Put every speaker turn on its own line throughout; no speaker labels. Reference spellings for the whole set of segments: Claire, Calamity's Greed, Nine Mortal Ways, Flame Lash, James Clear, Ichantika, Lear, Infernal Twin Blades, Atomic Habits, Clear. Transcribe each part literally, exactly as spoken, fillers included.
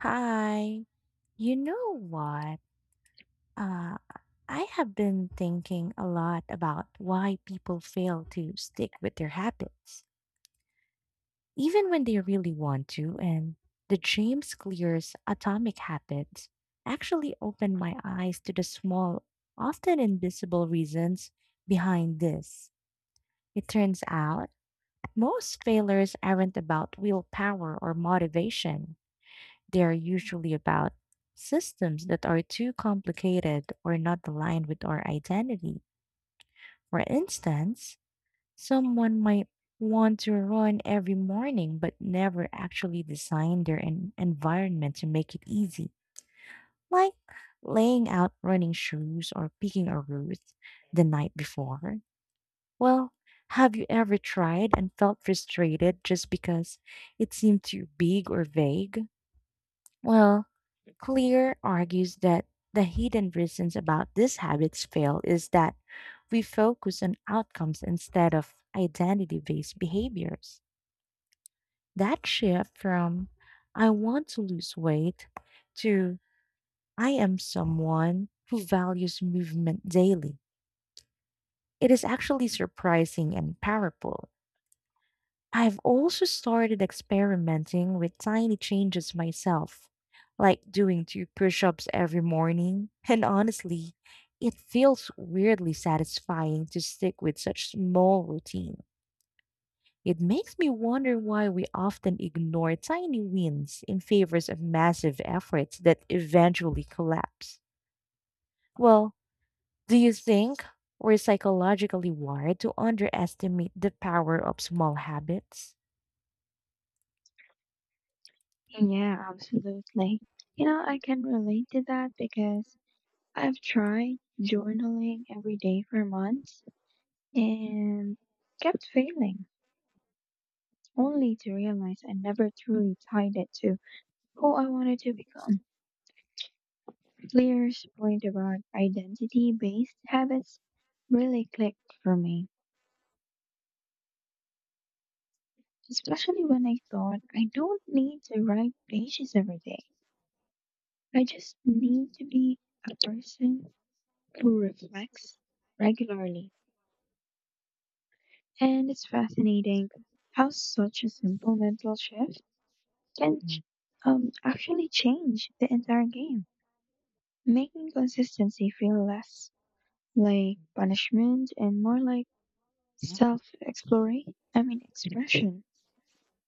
Hi. You know what? Uh, I have been thinking a lot about why people fail to stick with their habits, even when they really want to. And the James Clear's Atomic Habits actually opened my eyes to the small, often invisible reasons behind this. It turns out most failures aren't about willpower or motivation. They are usually about systems that are too complicated or not aligned with our identity. For instance, someone might want to run every morning but never actually design their en- environment to make it easy, like laying out running shoes or picking a route the night before. Well, have you ever tried and felt frustrated just because it seemed too big or vague? Well, Clear argues that the hidden reasons about these habits fail is that we focus on outcomes instead of identity based behaviors. That shift from I want to lose weight to I am someone who values movement daily. It is actually surprising and powerful. I've also started experimenting with tiny changes myself, like doing two push ups every morning. And honestly, it feels weirdly satisfying to stick with such small routine. It makes me wonder why we often ignore tiny wins in favor of massive efforts that eventually collapse. Well, do you think we're psychologically wired to underestimate the power of small habits?
Yeah, absolutely. You know, I can relate to that because I've tried journaling every day for months and kept failing, only to realize I never truly tied it to who I wanted to become. Lear's point about identity-based habits really clicked for me, especially when I thought I don't need to write pages every day. I just need to be a person who reflects regularly. And it's fascinating how such a simple mental shift can ch- um, actually change the entire game, making consistency feel less like punishment and more like self exploration, I mean, expression.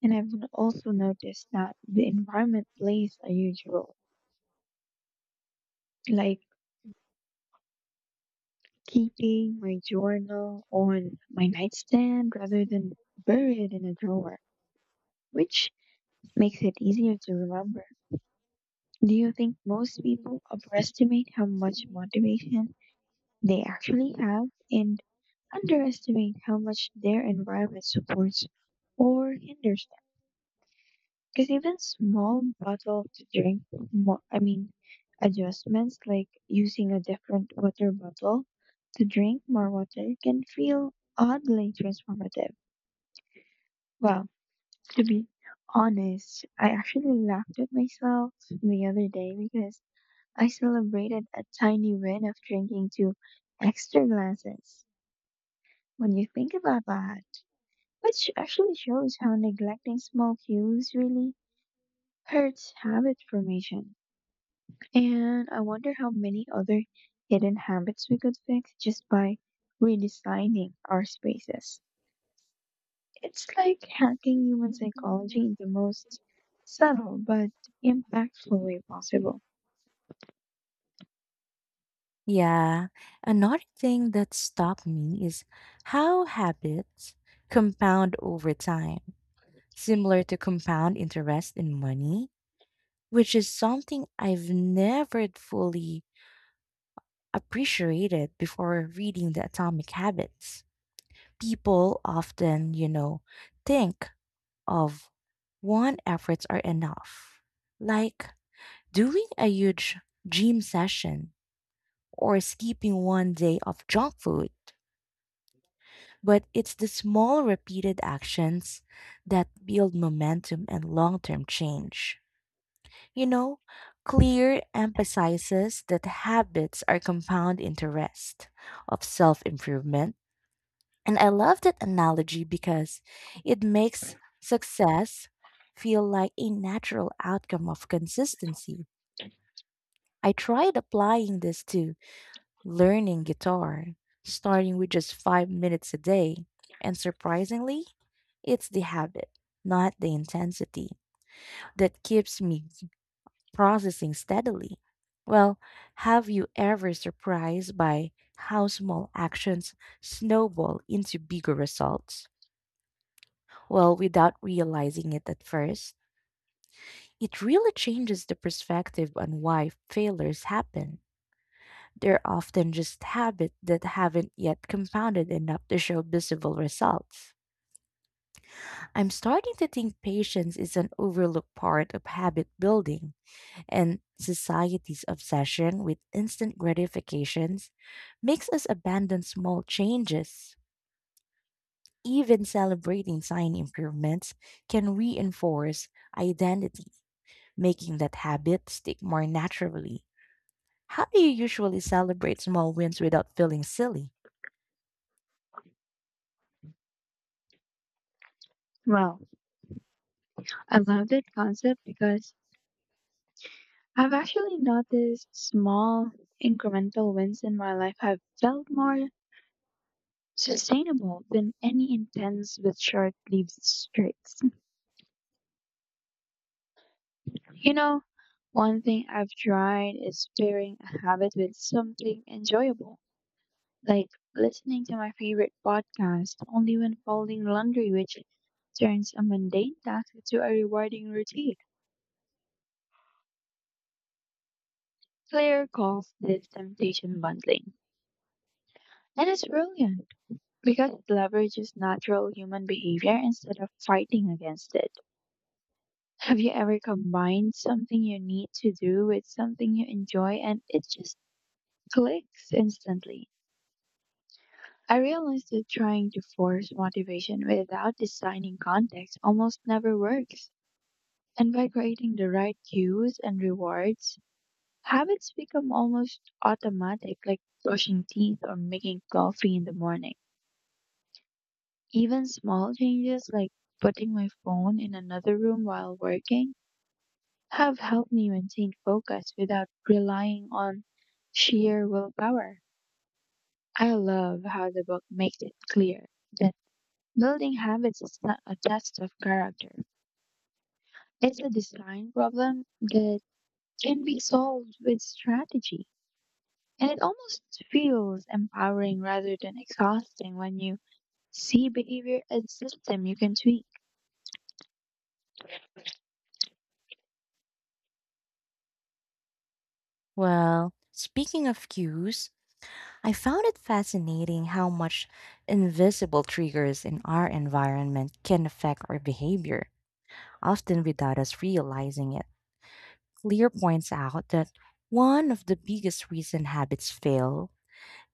And I've n- also noticed that the environment plays a huge role, like keeping my journal on my nightstand rather than buried in a drawer, which makes it easier to remember. Do you think most people overestimate how much motivation they actually have and underestimate how much their environment supports or hinders them? Because even small bottle to drink, mo- I mean, adjustments like using a different water bottle to drink more water can feel oddly transformative. Well, to be honest, I actually laughed at myself the other day because I celebrated a tiny win of drinking two extra glasses. When you think about that, which actually shows how neglecting small cues really hurts habit formation. And I wonder how many other hidden habits we could fix just by redesigning our spaces. It's like hacking human psychology in the most subtle but impactful way possible.
Yeah. Another thing that stopped me is how habits compound over time, similar to compound interest in money, which is something I've never fully appreciated before reading The Atomic Habits. People often, you know, think of one efforts are enough. Like doing a huge gym session or skipping one day of junk food. But it's the small, repeated actions that build momentum and long term change. You know, Clear emphasizes that habits are compound interest of self improvement. And I love that analogy because it makes success feel like a natural outcome of consistency. I tried applying this to learning guitar, starting with just five minutes a day. And surprisingly, it's the habit, not the intensity, that keeps me processing steadily. Well, have you ever surprised by how small actions snowball into bigger results? Well, without realizing it at first, it really changes the perspective on why failures happen. They're often just habits that haven't yet compounded enough to show visible results. I'm starting to think patience is an overlooked part of habit building, and society's obsession with instant gratifications makes us abandon small changes. Even celebrating tiny improvements can reinforce identity, making that habit stick more naturally. How do you usually celebrate small wins without feeling silly?
Well, I love that concept because I've actually noticed small incremental wins in my life have felt more sustainable than any intense with short lived streaks. You know, one thing I've tried is pairing a habit with something enjoyable, like listening to my favorite podcast only when folding laundry, which turns a mundane task into a rewarding routine. Claire calls this temptation bundling. And it's brilliant because it leverages natural human behavior instead of fighting against it. Have you ever combined something you need to do with something you enjoy and it just clicks instantly? I realized that trying to force motivation without designing context almost never works. And by creating the right cues and rewards, habits become almost automatic, like brushing teeth or making coffee in the morning. Even small changes like putting my phone in another room while working have helped me maintain focus without relying on sheer willpower. I love how the book makes it clear that building habits is not a test of character. It's a design problem that can be solved with strategy. And it almost feels empowering rather than exhausting when you see behavior as a system you can tweak.
Well, speaking of cues, I found it fascinating how much invisible triggers in our environment can affect our behavior, often without us realizing it. Lear points out that one of the biggest reason habits fail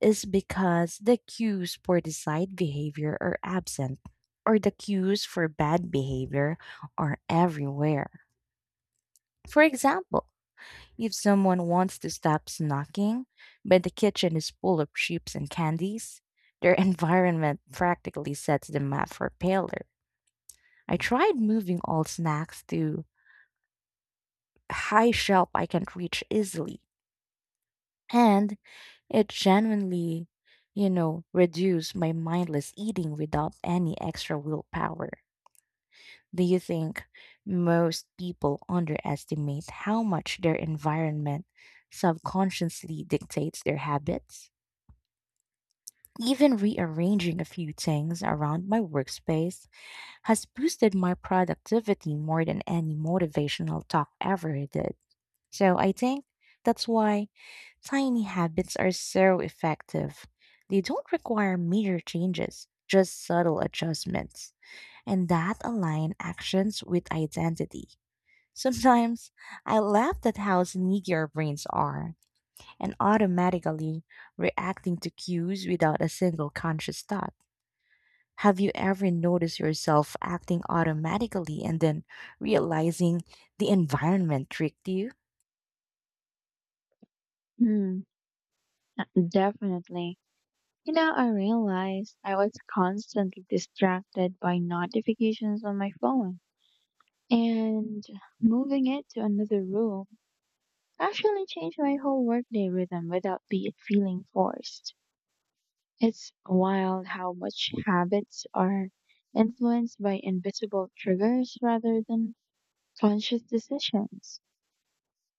is because the cues for desired behavior are absent, or the cues for bad behavior are everywhere. For example, if someone wants to stop snacking, but the kitchen is full of chips and candies, their environment practically sets the map for failure. I tried moving all snacks to a high shelf I can reach easily, and it genuinely, you know, reduced my mindless eating without any extra willpower. Do you think most people underestimate how much their environment subconsciously dictates their habits? Even rearranging a few things around my workspace has boosted my productivity more than any motivational talk ever did. So I think that's why tiny habits are so effective. They don't require major changes, just subtle adjustments. And that align actions with identity. Sometimes I laugh at how sneaky our brains are and automatically reacting to cues without a single conscious thought. Have you ever noticed yourself acting automatically and then realizing the environment tricked you?
Hmm, definitely. You know, I realized I was constantly distracted by notifications on my phone. And moving it to another room actually changed my whole workday rhythm without be it feeling forced. It's wild how much habits are influenced by invisible triggers rather than conscious decisions.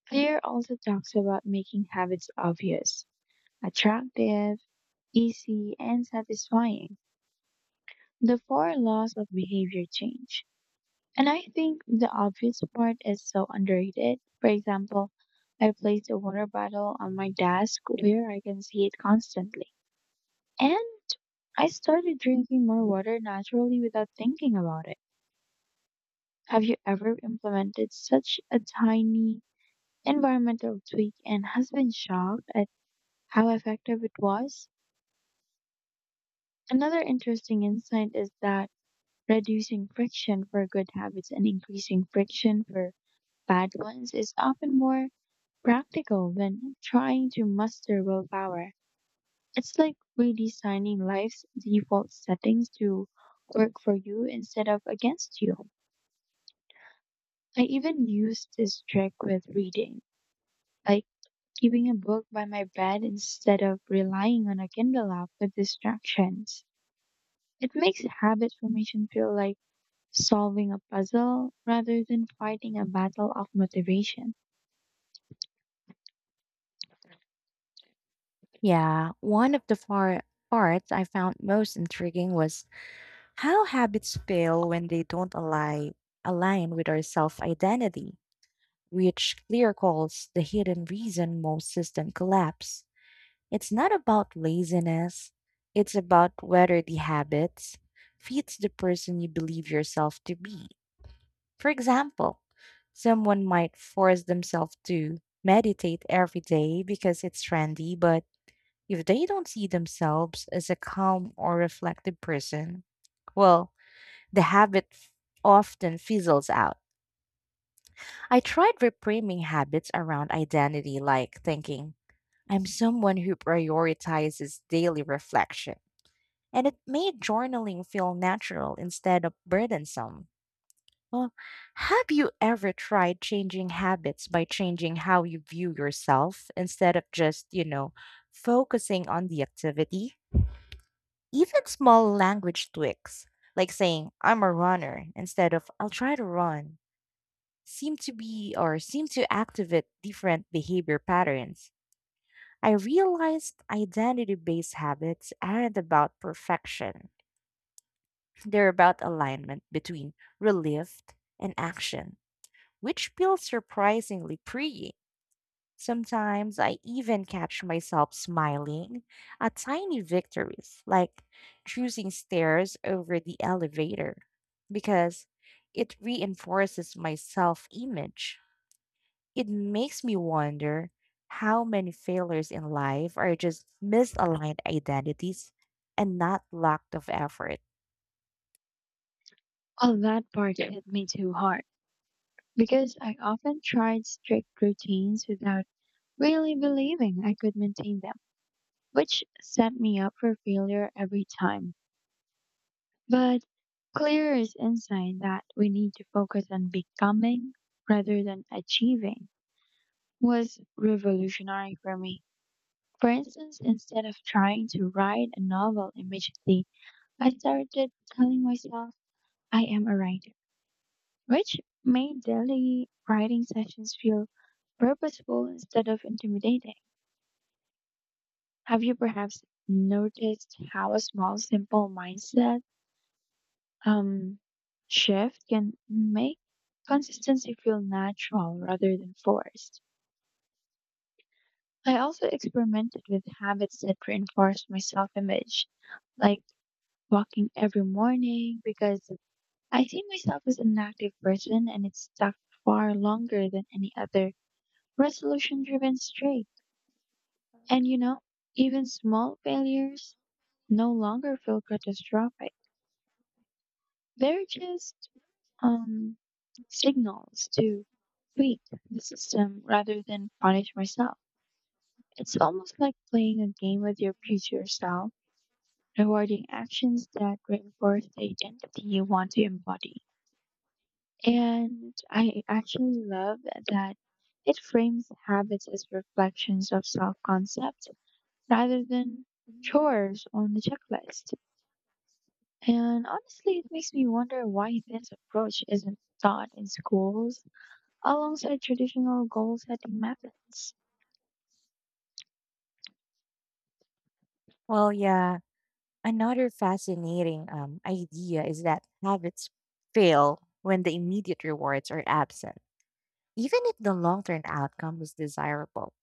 Clear also talks about making habits obvious, attractive, easy, and satisfying. The four laws of behavior change. And I think the obvious part is so underrated. For example, I placed a water bottle on my desk where I can see it constantly. And I started drinking more water naturally without thinking about it. Have you ever implemented such a tiny environmental tweak and has been shocked at how effective it was? Another interesting insight is that reducing friction for good habits and increasing friction for bad ones is often more practical when trying to muster willpower. It's like redesigning life's default settings to work for you instead of against you. I even used this trick with reading, like keeping a book by my bed instead of relying on a Kindle app with distractions. It makes habit formation feel like solving a puzzle rather than fighting a battle of motivation.
Yeah, one of the far parts I found most intriguing was how habits fail when they don't align align with our self-identity, which clear calls the hidden reason most systems collapse. It's not about laziness, it's about whether the habits fits the person you believe yourself to be. For example, someone might force themselves to meditate every day because it's trendy, but if they don't see themselves as a calm or reflective person, well, the habit f- often fizzles out. I tried reframing habits around identity, like thinking, I'm someone who prioritizes daily reflection. And it made journaling feel natural instead of burdensome. Well, have you ever tried changing habits by changing how you view yourself instead of just, you know, focusing on the activity? Even small language tweaks, like saying, I'm a runner, instead of, I'll try to run, seem to be or seem to activate different behavior patterns. I realized identity based habits aren't about perfection, they're about alignment between relief and action, which feels surprisingly freeing. Sometimes I even catch myself smiling at tiny victories, like choosing stairs over the elevator, because it reinforces my self image. It makes me wonder how many failures in life are just misaligned identities and not lack of effort.
All that part hit me too hard, because I often tried strict routines without really believing I could maintain them, which set me up for failure every time. But clear is insight that we need to focus on becoming rather than achieving was revolutionary for me. For instance, instead of trying to write a novel immediately, I started telling myself I am a writer, which made daily writing sessions feel purposeful instead of intimidating. Have you perhaps noticed how a small, simple mindset um, shift can make consistency feel natural rather than forced? I also experimented with habits that reinforced my self image, like walking every morning because I see myself as an active person, and it stuck far longer than any other resolution driven streak. And you know, even small failures no longer feel catastrophic. They're just um, signals to tweak the system rather than punish myself. It's almost like playing a game with your future self, rewarding actions that reinforce the identity you want to embody. And I actually love that it frames habits as reflections of self concept rather than chores on the checklist. And honestly, it makes me wonder why this approach isn't taught in schools alongside traditional goal setting methods.
Well, yeah, another fascinating um, idea is that habits fail when the immediate rewards are absent, even if the long term outcome is desirable.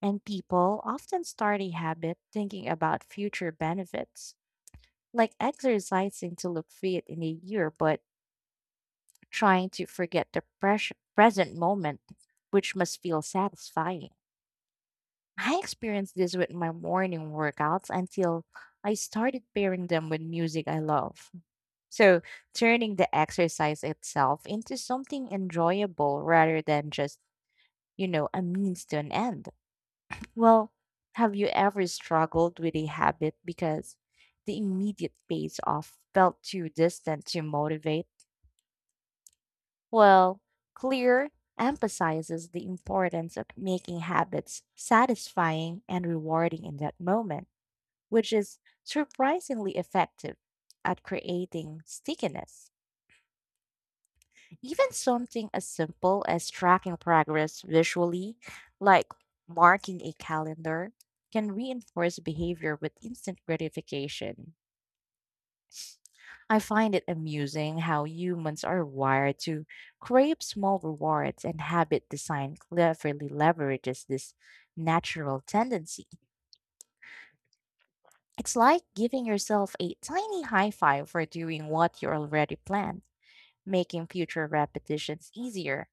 And people often start a habit thinking about future benefits, like exercising to look fit in a year, but trying to forget the pres- present moment, which must feel satisfying. I experienced this with my morning workouts until I started pairing them with music I love. So, turning the exercise itself into something enjoyable rather than just, you know, a means to an end. Well, have you ever struggled with a habit because the immediate payoff felt too distant to motivate? Well, Clear emphasizes the importance of making habits satisfying and rewarding in that moment, which is surprisingly effective at creating stickiness. Even something as simple as tracking progress visually, like marking a calendar, can reinforce behavior with instant gratification. I find it amusing how humans are wired to crave small rewards, and habit design cleverly leverages this natural tendency. It's like giving yourself a tiny high five for doing what you already planned, making future repetitions easier.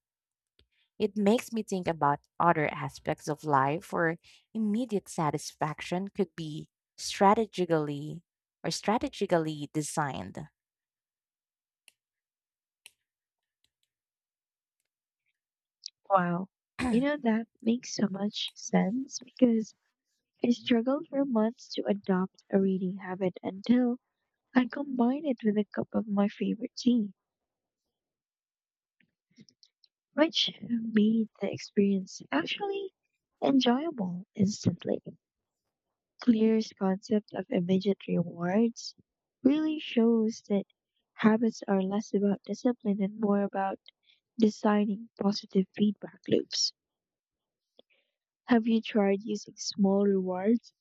It makes me think about other aspects of life where immediate satisfaction could be strategically or strategically designed.
Wow, you know, that makes so much sense because I struggled for months to adopt a reading habit until I combined it with a cup of my favorite tea, which made the experience actually enjoyable instantly. Clear's concept of immediate rewards really shows that habits are less about discipline and more about designing positive feedback loops. Have you tried using small rewards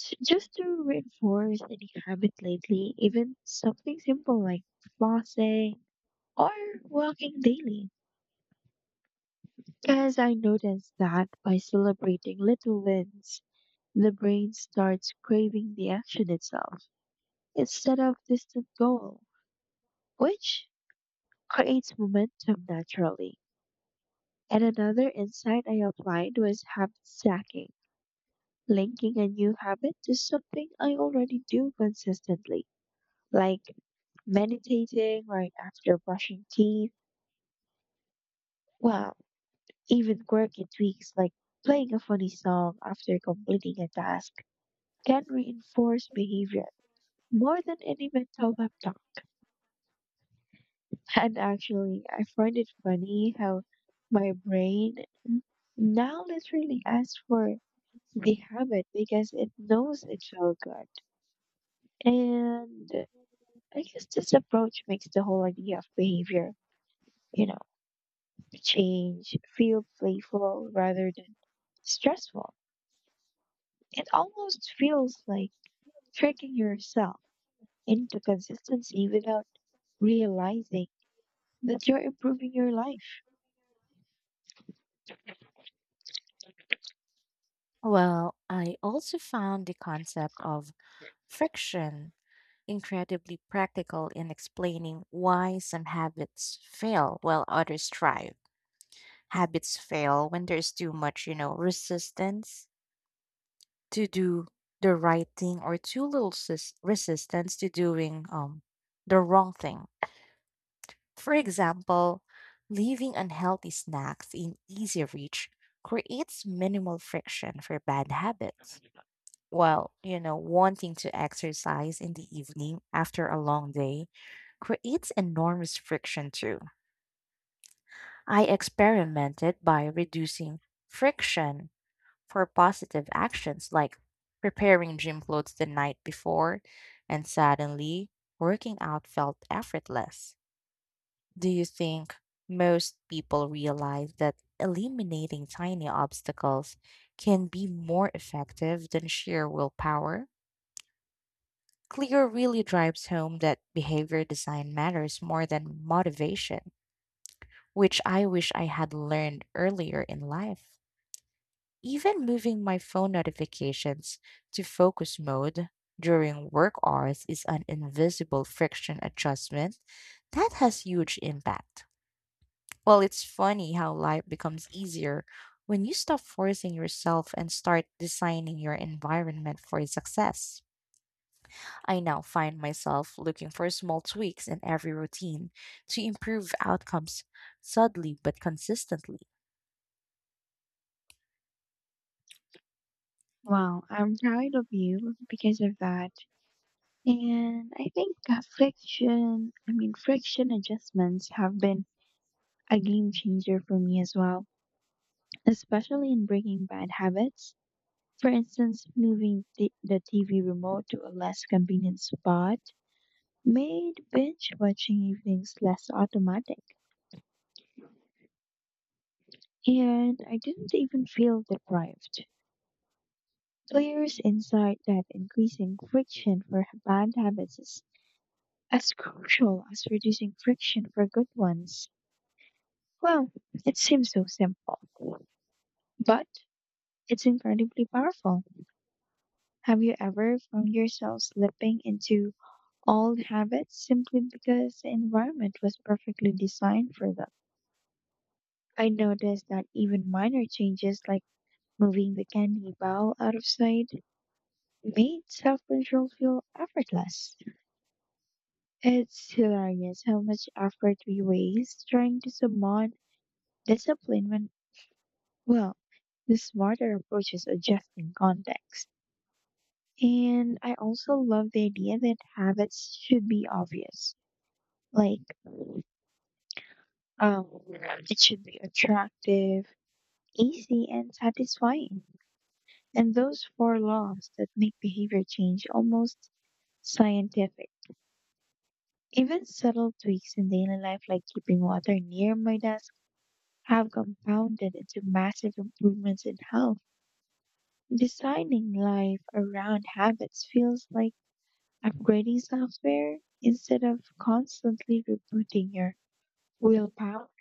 s- just to reinforce any habit lately, even something simple like flossing or walking daily? Because I noticed that by celebrating little wins, the brain starts craving the action itself instead of distant goal, which creates momentum naturally. And another insight I applied was habit stacking, linking a new habit to something I already do consistently, like meditating right after brushing teeth. Well, even quirky tweaks like playing a funny song after completing a task can reinforce behavior more than any mental pep talk. And actually, I find it funny how my brain now literally asks for the habit because it knows it felt good. And I guess this approach makes the whole idea of behavior, you know change feel playful rather than stressful. It almost feels like tricking yourself into consistency without realizing that you're improving your life.
Well, I also found the concept of friction incredibly practical in explaining why some habits fail while others thrive. Habits fail when there's too much, you know, resistance to do the right thing or too little sis- resistance to doing um, the wrong thing. For example, leaving unhealthy snacks in easy reach creates minimal friction for bad habits. While, you know, wanting to exercise in the evening after a long day creates enormous friction too. I experimented by reducing friction for positive actions like preparing gym clothes the night before, and suddenly working out felt effortless. Do you think most people realize that eliminating tiny obstacles can be more effective than sheer willpower? Clear really drives home that behavior design matters more than motivation, which I wish I had learned earlier in life. Even moving my phone notifications to focus mode during work hours is an invisible friction adjustment that has huge impact. Well, it's funny how life becomes easier when you stop forcing yourself and start designing your environment for success. I now find myself looking for small tweaks in every routine to improve outcomes subtly but consistently.
Wow, I'm proud of you because of that. And I think that friction, I mean, friction adjustments have been a game changer for me as well, especially in breaking bad habits. For instance, moving the, the T V remote to a less convenient spot made binge watching evenings less automatic, and I didn't even feel deprived. Players inside that increasing friction for h- bad habits is as crucial as reducing friction for good ones. Well, it seems so simple, but it's incredibly powerful. Have you ever found yourself slipping into old habits simply because the environment was perfectly designed for them? I noticed that even minor changes like moving the candy bowl out of sight made self-control feel effortless. It's hilarious how much effort we waste trying to summon discipline when, well, the smarter approach is adjusting context. And I also love the idea that habits should be obvious. Like, um, it should be attractive, easy, and satisfying. And those four laws that make behavior change almost scientific. Even subtle tweaks in daily life, like keeping water near my desk, have compounded into massive improvements in health. Designing life around habits feels like upgrading software instead of constantly rebooting your willpower.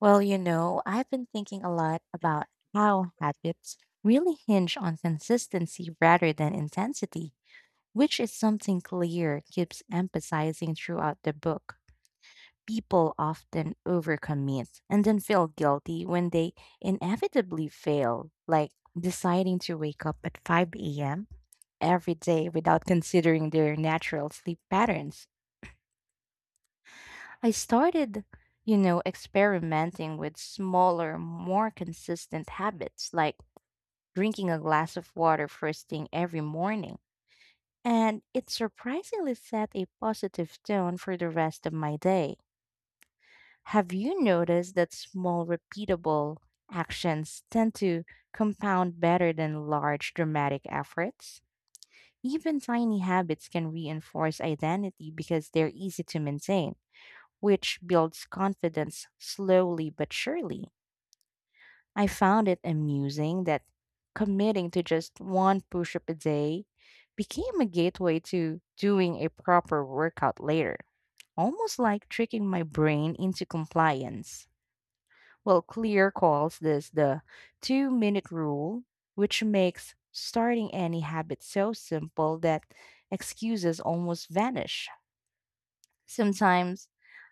Well, you know, I've been thinking a lot about how habits really hinge on consistency rather than intensity, which is something Clear keeps emphasizing throughout the book. People often overcommit and then feel guilty when they inevitably fail, like deciding to wake up at five a m every day without considering their natural sleep patterns. I started, you know, experimenting with smaller, more consistent habits like drinking a glass of water first thing every morning. And it surprisingly set a positive tone for the rest of my day. Have you noticed that small, repeatable actions tend to compound better than large, dramatic efforts? Even tiny habits can reinforce identity because they're easy to maintain, which builds confidence slowly but surely. I found it amusing that committing to just one push up a day became a gateway to doing a proper workout later, almost like tricking my brain into compliance. Well, Clear calls this the two minute rule, which makes starting any habit so simple that excuses almost vanish. Sometimes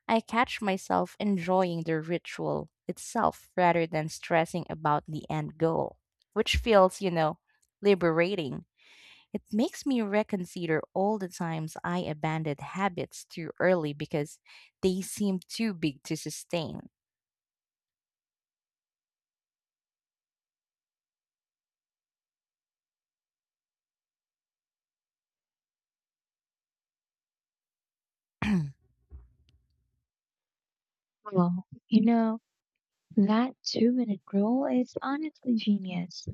I catch myself enjoying the ritual itself rather than stressing about the end goal, which feels, you know, liberating. It makes me reconsider all the times I abandoned habits too early because they seemed too big to sustain.
Well, you know, that two minute rule is honestly genius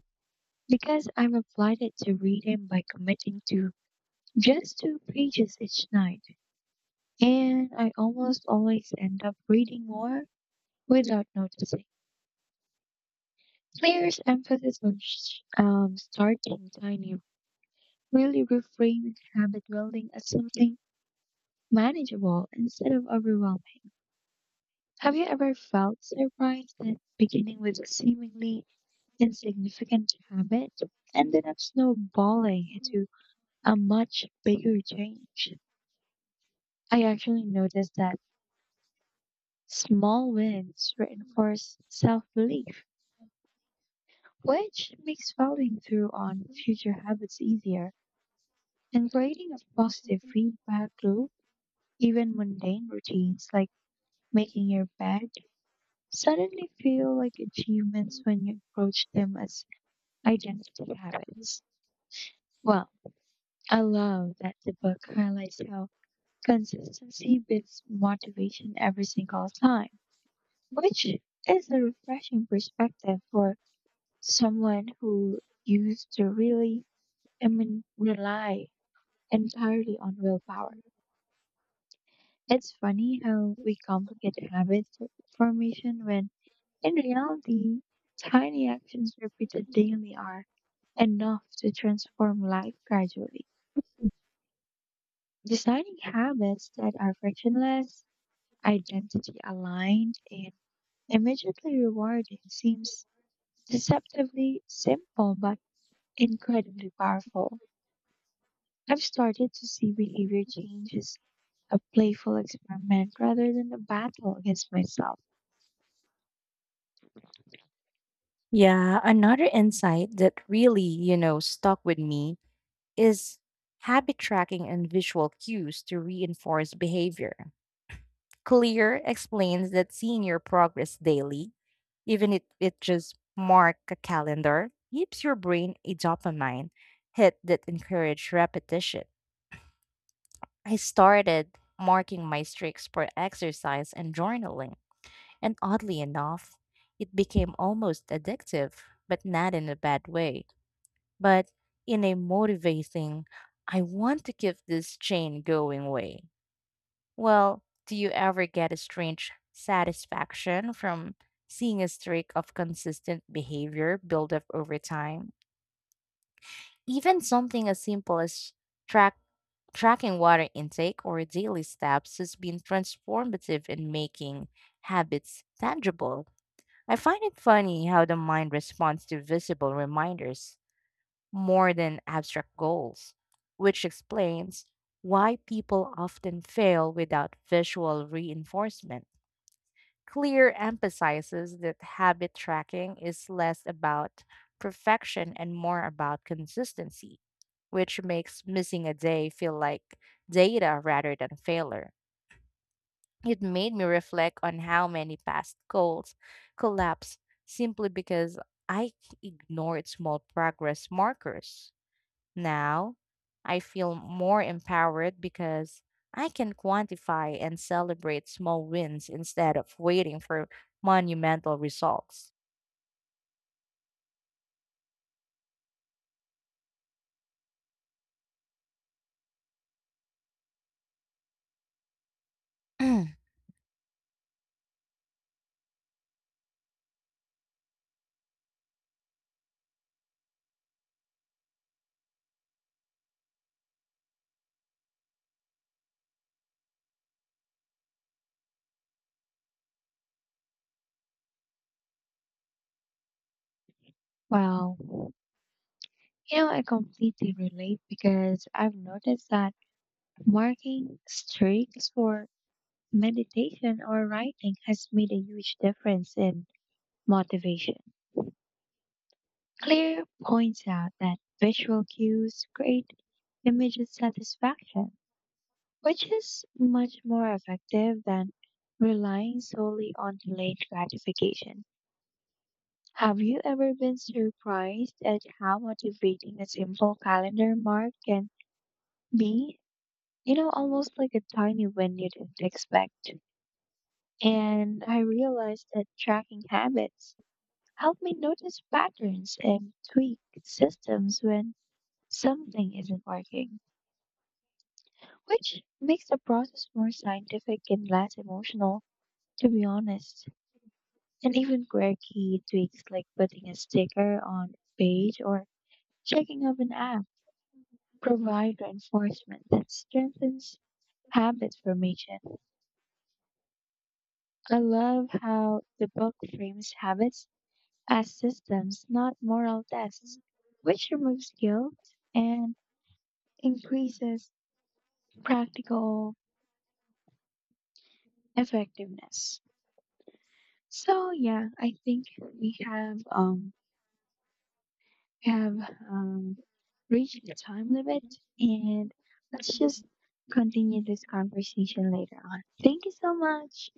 because I've applied it to reading by committing to just two pages each night. And I almost always end up reading more without noticing. Players' emphasis on sh- um, starting tiny really reframes habit building as something manageable instead of overwhelming. Have you ever felt surprised that beginning with a seemingly insignificant habit ended up snowballing into a much bigger change? I actually noticed that small wins reinforce self belief, which makes following through on future habits easier, and creating a positive feedback loop. Even mundane routines like making your bed suddenly feel like achievements when you approach them as identity habits. Well, I love that the book highlights how consistency beats motivation every single time, which is a refreshing perspective for someone who used to really, I mean, rely entirely on willpower. It's funny how we complicate habit f- formation when, in reality, tiny actions repeated daily are enough to transform life gradually. Designing habits that are frictionless, identity aligned, and immediately rewarding seems deceptively simple but incredibly powerful. I've started to see behavior change as a playful experiment rather than a battle against myself.
Yeah, another insight that really, you know, stuck with me is habit tracking and visual cues to reinforce behavior. Clear explains that seeing your progress daily, even if it just mark a calendar, gives your brain a dopamine hit that encourages repetition. I started marking my streaks for exercise and journaling, and oddly enough, it became almost addictive, but not in a bad way, but in a motivating, I want to keep this chain going way. Well, do you ever get a strange satisfaction from seeing a streak of consistent behavior build up over time? Even something as simple as track tracking water intake or daily steps has been transformative in making habits tangible. I find it funny how the mind responds to visible reminders more than abstract goals, which explains why people often fail without visual reinforcement. Clear emphasizes that habit tracking is less about perfection and more about consistency, which makes missing a day feel like data rather than failure. It made me reflect on how many past goals collapsed simply because I ignored small progress markers. Now, I feel more empowered because I can quantify and celebrate small wins instead of waiting for monumental results.
Wow. You know, I completely relate because I've noticed that marking streaks for meditation or writing has made a huge difference in motivation. Clear points out that visual cues create immediate satisfaction, which is much more effective than relying solely on delayed gratification. Have you ever been surprised at how motivating a simple calendar mark can be, you know, almost like a tiny win you didn't expect? And I realized that tracking habits helped me notice patterns and tweak systems when something isn't working, which makes the process more scientific and less emotional, to be honest. And even quirky tweaks like putting a sticker on a page or checking up an app provide reinforcement that strengthens habit formation. I love how the book frames habits as systems, not moral tests, which removes guilt and increases practical effectiveness. So yeah, I think we have um we have um reached the time limit, and let's just continue this conversation later on. Thank you so much.